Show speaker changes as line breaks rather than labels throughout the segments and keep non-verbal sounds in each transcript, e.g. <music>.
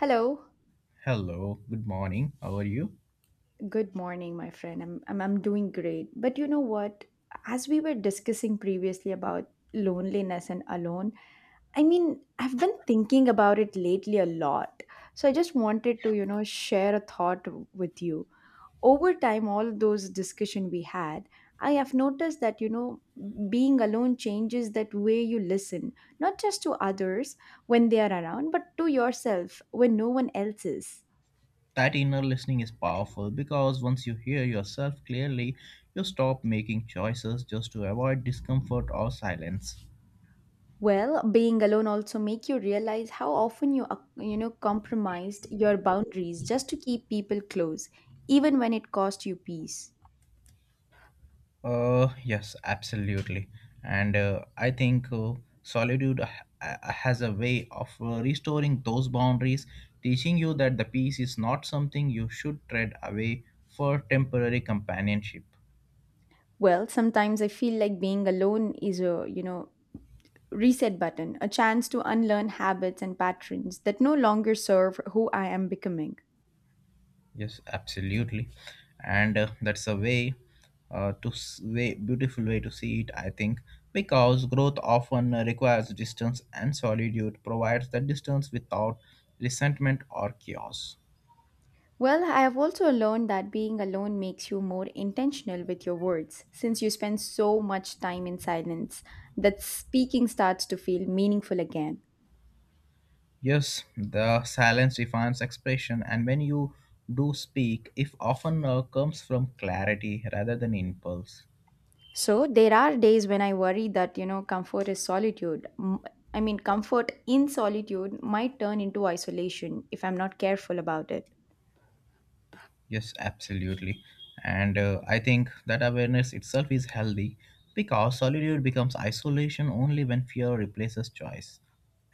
Hello,
Hello, good morning. How are you?
good morning, my friend. I'm doing great. But you know what? As we were discussing previously about loneliness and alone, I mean, I've been thinking about it lately a lot. So I just wanted to, share a thought with you. Over time, all those discussion we had, I have noticed that, being alone changes that way you listen, not just to others when they are around, but to yourself when no one else is.
That inner listening is powerful because once you hear yourself clearly, you stop making choices just to avoid discomfort or silence.
Well, being alone also make you realize how often compromised your boundaries just to keep people close, even when it cost you peace.
Yes, absolutely. And I think solitude has a way of restoring those boundaries, teaching you that the peace is not something you should tread away for temporary companionship.
Well, sometimes I feel like being alone is a reset button, a chance to unlearn habits and patterns that no longer serve who I am becoming.
Yes, absolutely, and that's a way way beautiful way to see it. I think because growth often requires distance, and solitude provides that distance without resentment or chaos.
Well, I have also learned that being alone makes you more intentional with your words, since you spend so much time in silence that speaking starts to feel meaningful again.
Yes, the silence defines expression, and when you do speak, if often comes from clarity rather than impulse.
So there are days when I worry that, comfort is solitude. I mean, comfort in solitude might turn into isolation if I'm not careful about it.
Yes, absolutely. And I think that awareness itself is healthy because solitude becomes isolation only when fear replaces choice.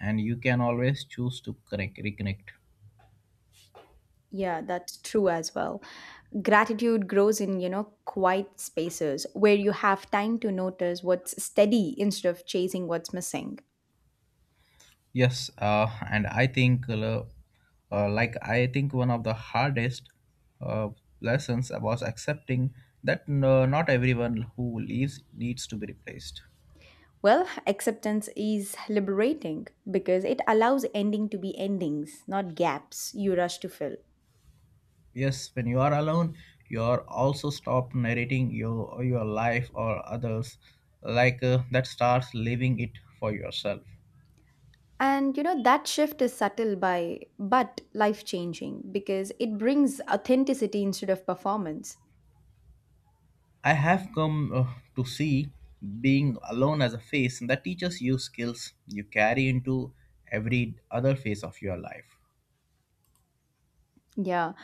And you can always choose to connect, reconnect.
Yeah, that's true as well. Gratitude grows in, quiet spaces where you have time to notice what's steady instead of chasing what's missing.
Yes, and I think, like, I think one of the hardest uh, lessons was accepting that not everyone who leaves needs to be replaced.
Well, acceptance is liberating because it allows ending to be endings, not gaps you rush to fill.
Yes, when you are alone, you are also stop narrating your life or others, like that starts living it for yourself.
And you know, that shift is subtle by but life changing because it brings authenticity instead of performance.
I have come to see being alone as a phase that teaches you skills you carry into every other phase of your life.
Yeah.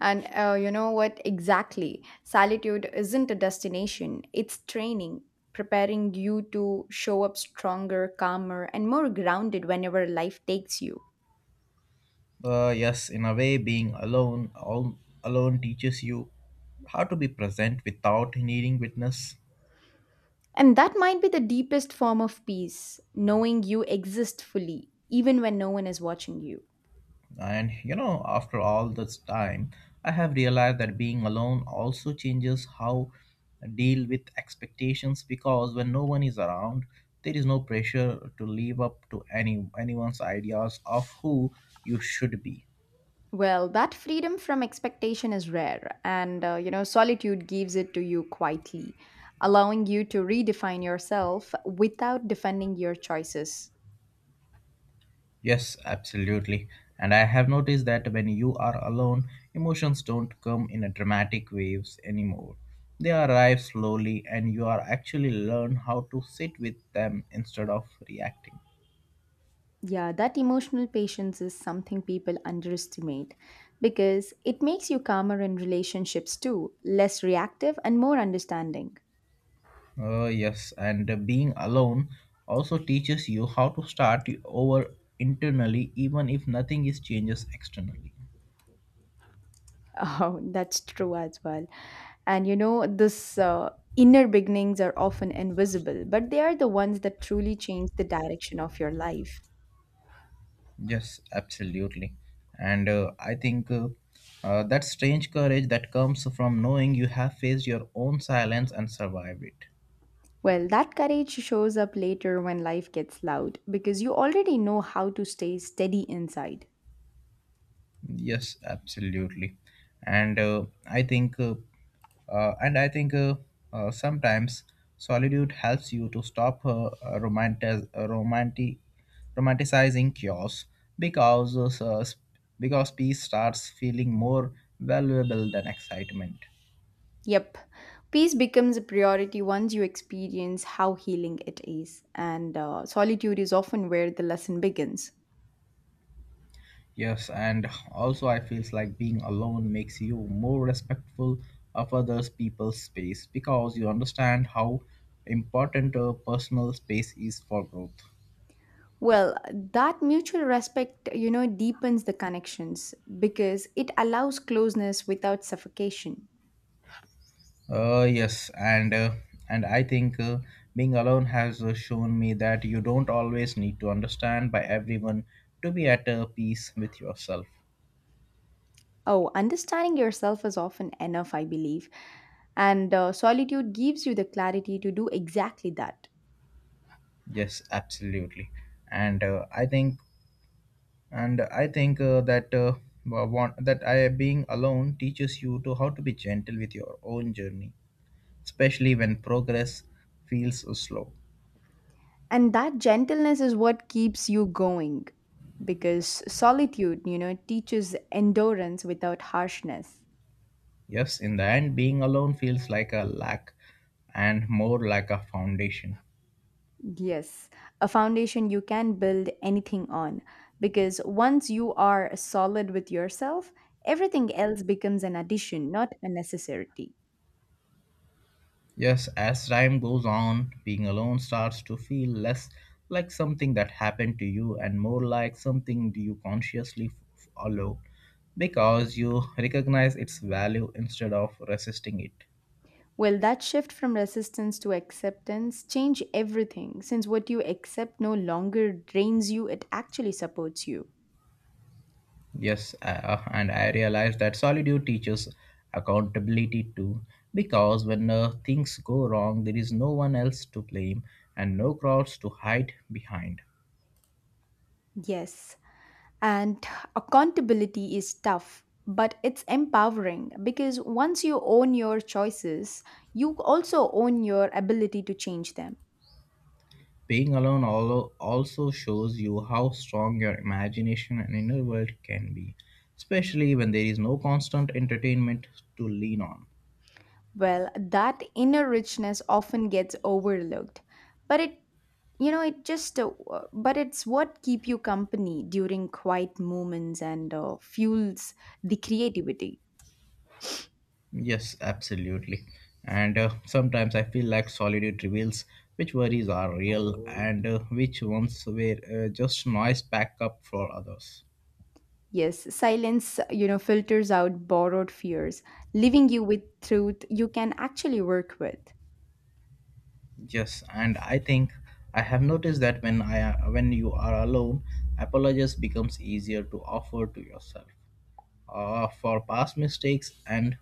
And you know what? Exactly. Solitude isn't a destination, it's training, preparing you to show up stronger, calmer, and more grounded whenever life takes you.
Yes, in a way, alone teaches you how to be present without needing witness.
And that might be the deepest form of peace, knowing you exist fully, even when no one is watching you.
And you know, after all this time, I have realized that being alone also changes how I deal with expectations because when no one is around, there is no pressure to live up to anyone's ideas of who you should be.
Well, that freedom from expectation is rare, and you know, solitude gives it to you quietly, allowing you to redefine yourself without defending your choices.
Yes, absolutely. And I have noticed that when you are alone, emotions don't come in a dramatic waves anymore. They arrive slowly and you are actually learn how to sit with them instead of reacting.
Yeah, that emotional patience is something people underestimate because it makes you calmer in relationships too, less reactive and more understanding. <laughs>
Yes, and being alone also teaches you how to start over internally, even if nothing is changes externally.
Oh, that's true as well. And you know, this inner beginnings are often invisible, but they are the ones that truly change the direction of your life.
Yes, absolutely. And I think that strange courage that comes from knowing you have faced your own silence and survived it.
Well, that courage shows up later when life gets loud because you already know how to stay steady inside.
Yes, absolutely. And I think, uh, and I think uh, sometimes solitude helps you to stop romanticizing chaos because because peace starts feeling more valuable than excitement.
Yep, peace becomes a priority once you experience how healing it is, and solitude is often where the lesson begins.
Yes, and also I feels like being alone makes you more respectful of others people's space because you understand how important personal space is for growth.
Well, that mutual respect, deepens the connections because it allows closeness without suffocation.
Yes, and I think being alone has shown me that you don't always need to understand by everyone to be at peace with yourself.
Oh, understanding yourself is often enough, I believe. And solitude gives you the clarity to do exactly that.
Yes, absolutely, and I think that wa- want, that I being alone teaches you to how to be gentle with your own journey, especially when progress feels slow.
And that gentleness is what keeps you going because solitude, teaches endurance without harshness.
Yes, in the end, being alone feels like a lack, and more like a foundation.
Yes, a foundation you can build anything on because once you are solid with yourself, everything else becomes an addition, not a necessity.
Yes, as time goes on, being alone starts to feel less like something that happened to you and more like something you consciously follow because you recognize its value instead of resisting it.
Well, that shift from resistance to acceptance change everything since what you accept no longer drains you, it actually supports you.
Yes, and I realize that solitude teaches accountability too, because when things go wrong, there is no one else to blame and no crowds to hide behind.
Yes, and accountability is tough, but it's empowering because once you own your choices, you also own your ability to change them.
Also shows you how strong your imagination and inner world can be, especially when there is no constant entertainment to lean on.
Well, that inner richness often gets overlooked, but it you know it just but it's what keep you company during quiet moments and fuels the creativity.
Yes, absolutely. And sometimes I feel like solitude reveals which worries are real and which ones were just noise packed up for others.
Yes, silence, filters out borrowed fears, leaving you with truth you can actually work with.
Yes, and I think I have noticed that when you are alone, apologies becomes easier to offer to yourself for past mistakes and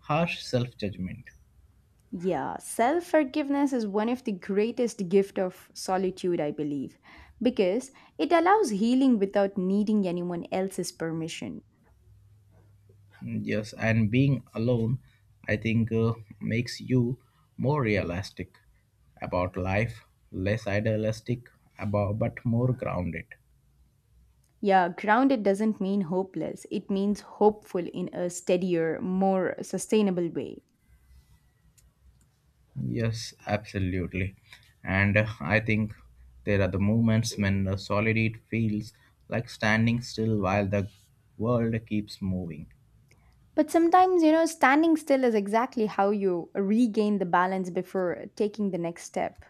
harsh self judgment.
Yeah, self forgiveness is one of the greatest gift of solitude, I believe, because it allows healing without needing anyone else's permission.
Yes, and being alone, I think, makes you more realistic about life, less idealistic, about, but more grounded.
Yeah, grounded doesn't mean hopeless. It means hopeful in a steadier, more sustainable way.
Yes, absolutely. And I think there are the moments when the solitude feels like standing still while the world keeps moving.
But sometimes, standing still is exactly how you regain the balance before taking the next step.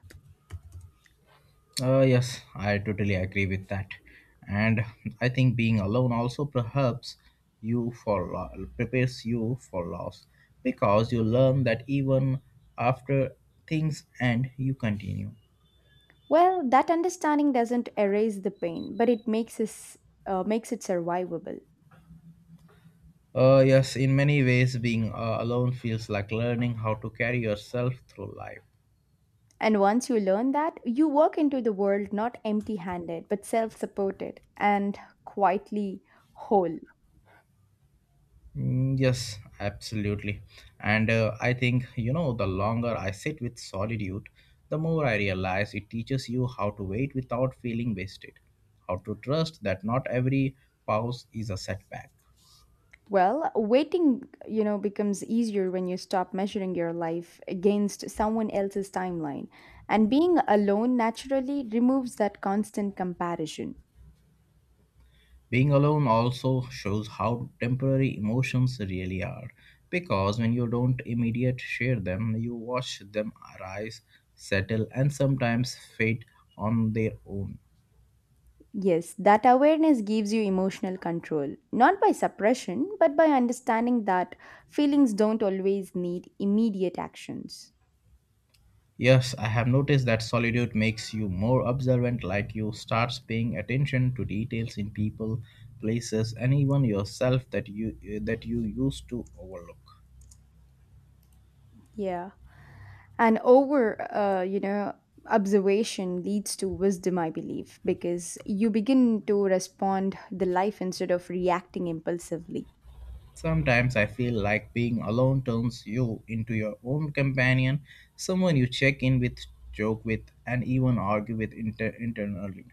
Yes, I totally agree with that. And I think being alone also perhaps prepares you for loss because you learn that even after things end, you continue.
Well, that understanding doesn't erase the pain, but it makes us makes it survivable.
Yes, in many ways, being alone feels like learning how to carry yourself through life.
And once you learn that, you walk into the world not empty handed, but self supported and quietly whole.
Mm, yes, absolutely. And I think, you know, the longer I sit with solitude, the more I realize it teaches you how to wait without feeling wasted, how to trust that not every pause is a setback.
Well, waiting, becomes easier when you stop measuring your life against someone else's timeline. And being alone naturally removes that constant comparison.
Being alone also shows how temporary emotions really are, because when you don't immediate share them, you watch them arise, settle, and sometimes fade on their own.
Yes, that awareness gives you emotional control, not by suppression, but by understanding that feelings don't always need immediate actions.
Yes, I have noticed that solitude makes you more observant, like you starts paying attention to details in people, places, and even yourself that you used to overlook.
Yeah. And over observation leads to wisdom, I believe, because you begin to respond the life instead of reacting impulsively.
Sometimes I feel like being alone turns you into your own companion, someone you check in with, joke with, and even argue with internally.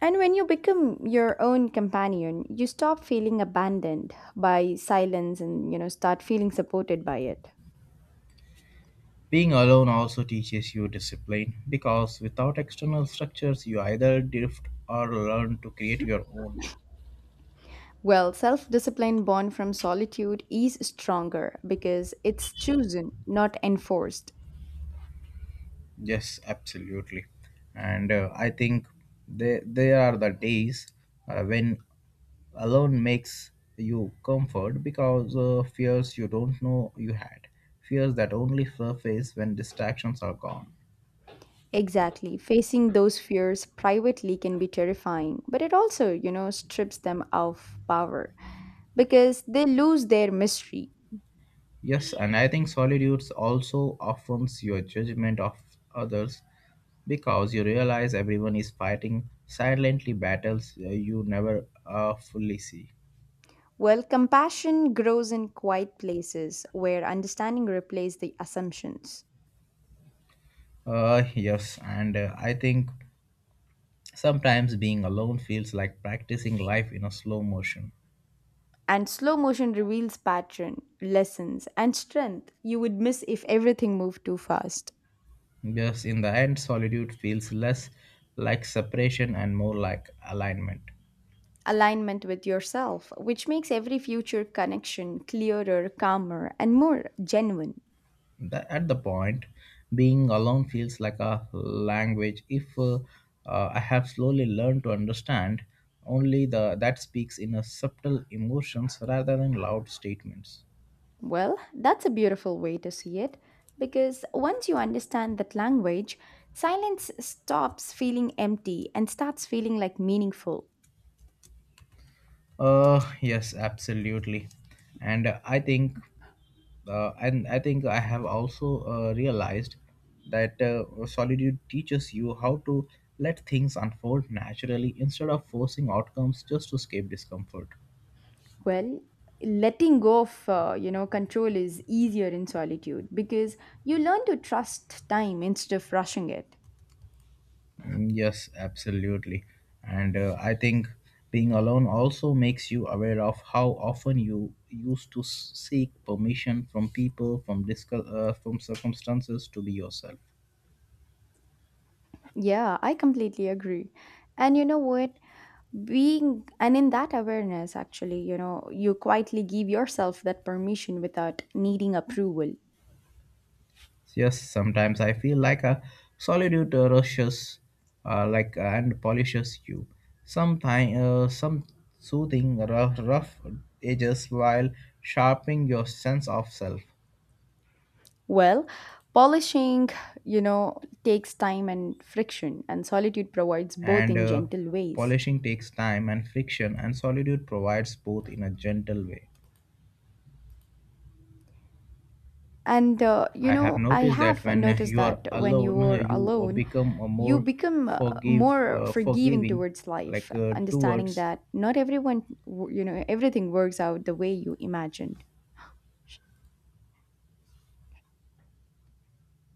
And when you become your own companion, you stop feeling abandoned by silence, and start feeling supported by it.
Being alone also teaches you discipline because without external structures, you either drift or learn to create your own.
Well, self-discipline born from solitude is stronger because it's chosen, not enforced.
Yes, absolutely. And I think they are the days when alone makes you comfort because fears you don't know you had, fears that only surface when distractions are gone.
Exactly. Facing those fears privately can be terrifying, but it also, strips them of power because they lose their mystery.
Yes, and I think solitude also offends your judgment of others because you realize everyone is fighting silently battles you never fully see.
Well, compassion grows in quiet places where understanding replaces the assumptions.
Yes, and I think sometimes being alone feels like practicing life in a slow motion,
And slow motion reveals pattern, lessons, and strength you would miss if everything moved too fast.
because in the end, solitude feels less like separation and more like alignment.
Alignment with yourself, which makes every future connection clearer, calmer, and more genuine.
At the point, being alone feels like a language. If I have slowly learned to understand only the that speaks in a subtle emotions rather than loud statements.
Well, that's a beautiful way to see it because once you understand that language, silence stops feeling empty and starts feeling like meaningful.
Yes, absolutely, and I think. I have also realized that solitude teaches you how to let things unfold naturally instead of forcing outcomes just to escape discomfort.
Well, letting go of you know control is easier in solitude because you learn to trust time instead of rushing it.
Mm, yes, absolutely, and I think being alone also makes you aware of how often you used to seek permission from people, from circumstances to be yourself.
Yeah, I completely agree. And you know what? Being and in that awareness, actually, you know, you quietly give yourself that permission without needing approval.
Yes, sometimes I feel like a solitude rushes, and polishes you. Sometimes some soothing rough edges while sharpening your sense of self.
Well, polishing, takes time and friction, and solitude provides both
And
in gentle ways.
polishing takes time and friction, and solitude provides both in a gentle way.
And, you
I have
know, I
noticed that
have
when
noticed
you are
that when you
alone,
are
you
alone,
become a
you
more
become more forgiving
forgiving,
towards life,
like
understanding
towards
that not everyone, you know, everything works out the way you imagined.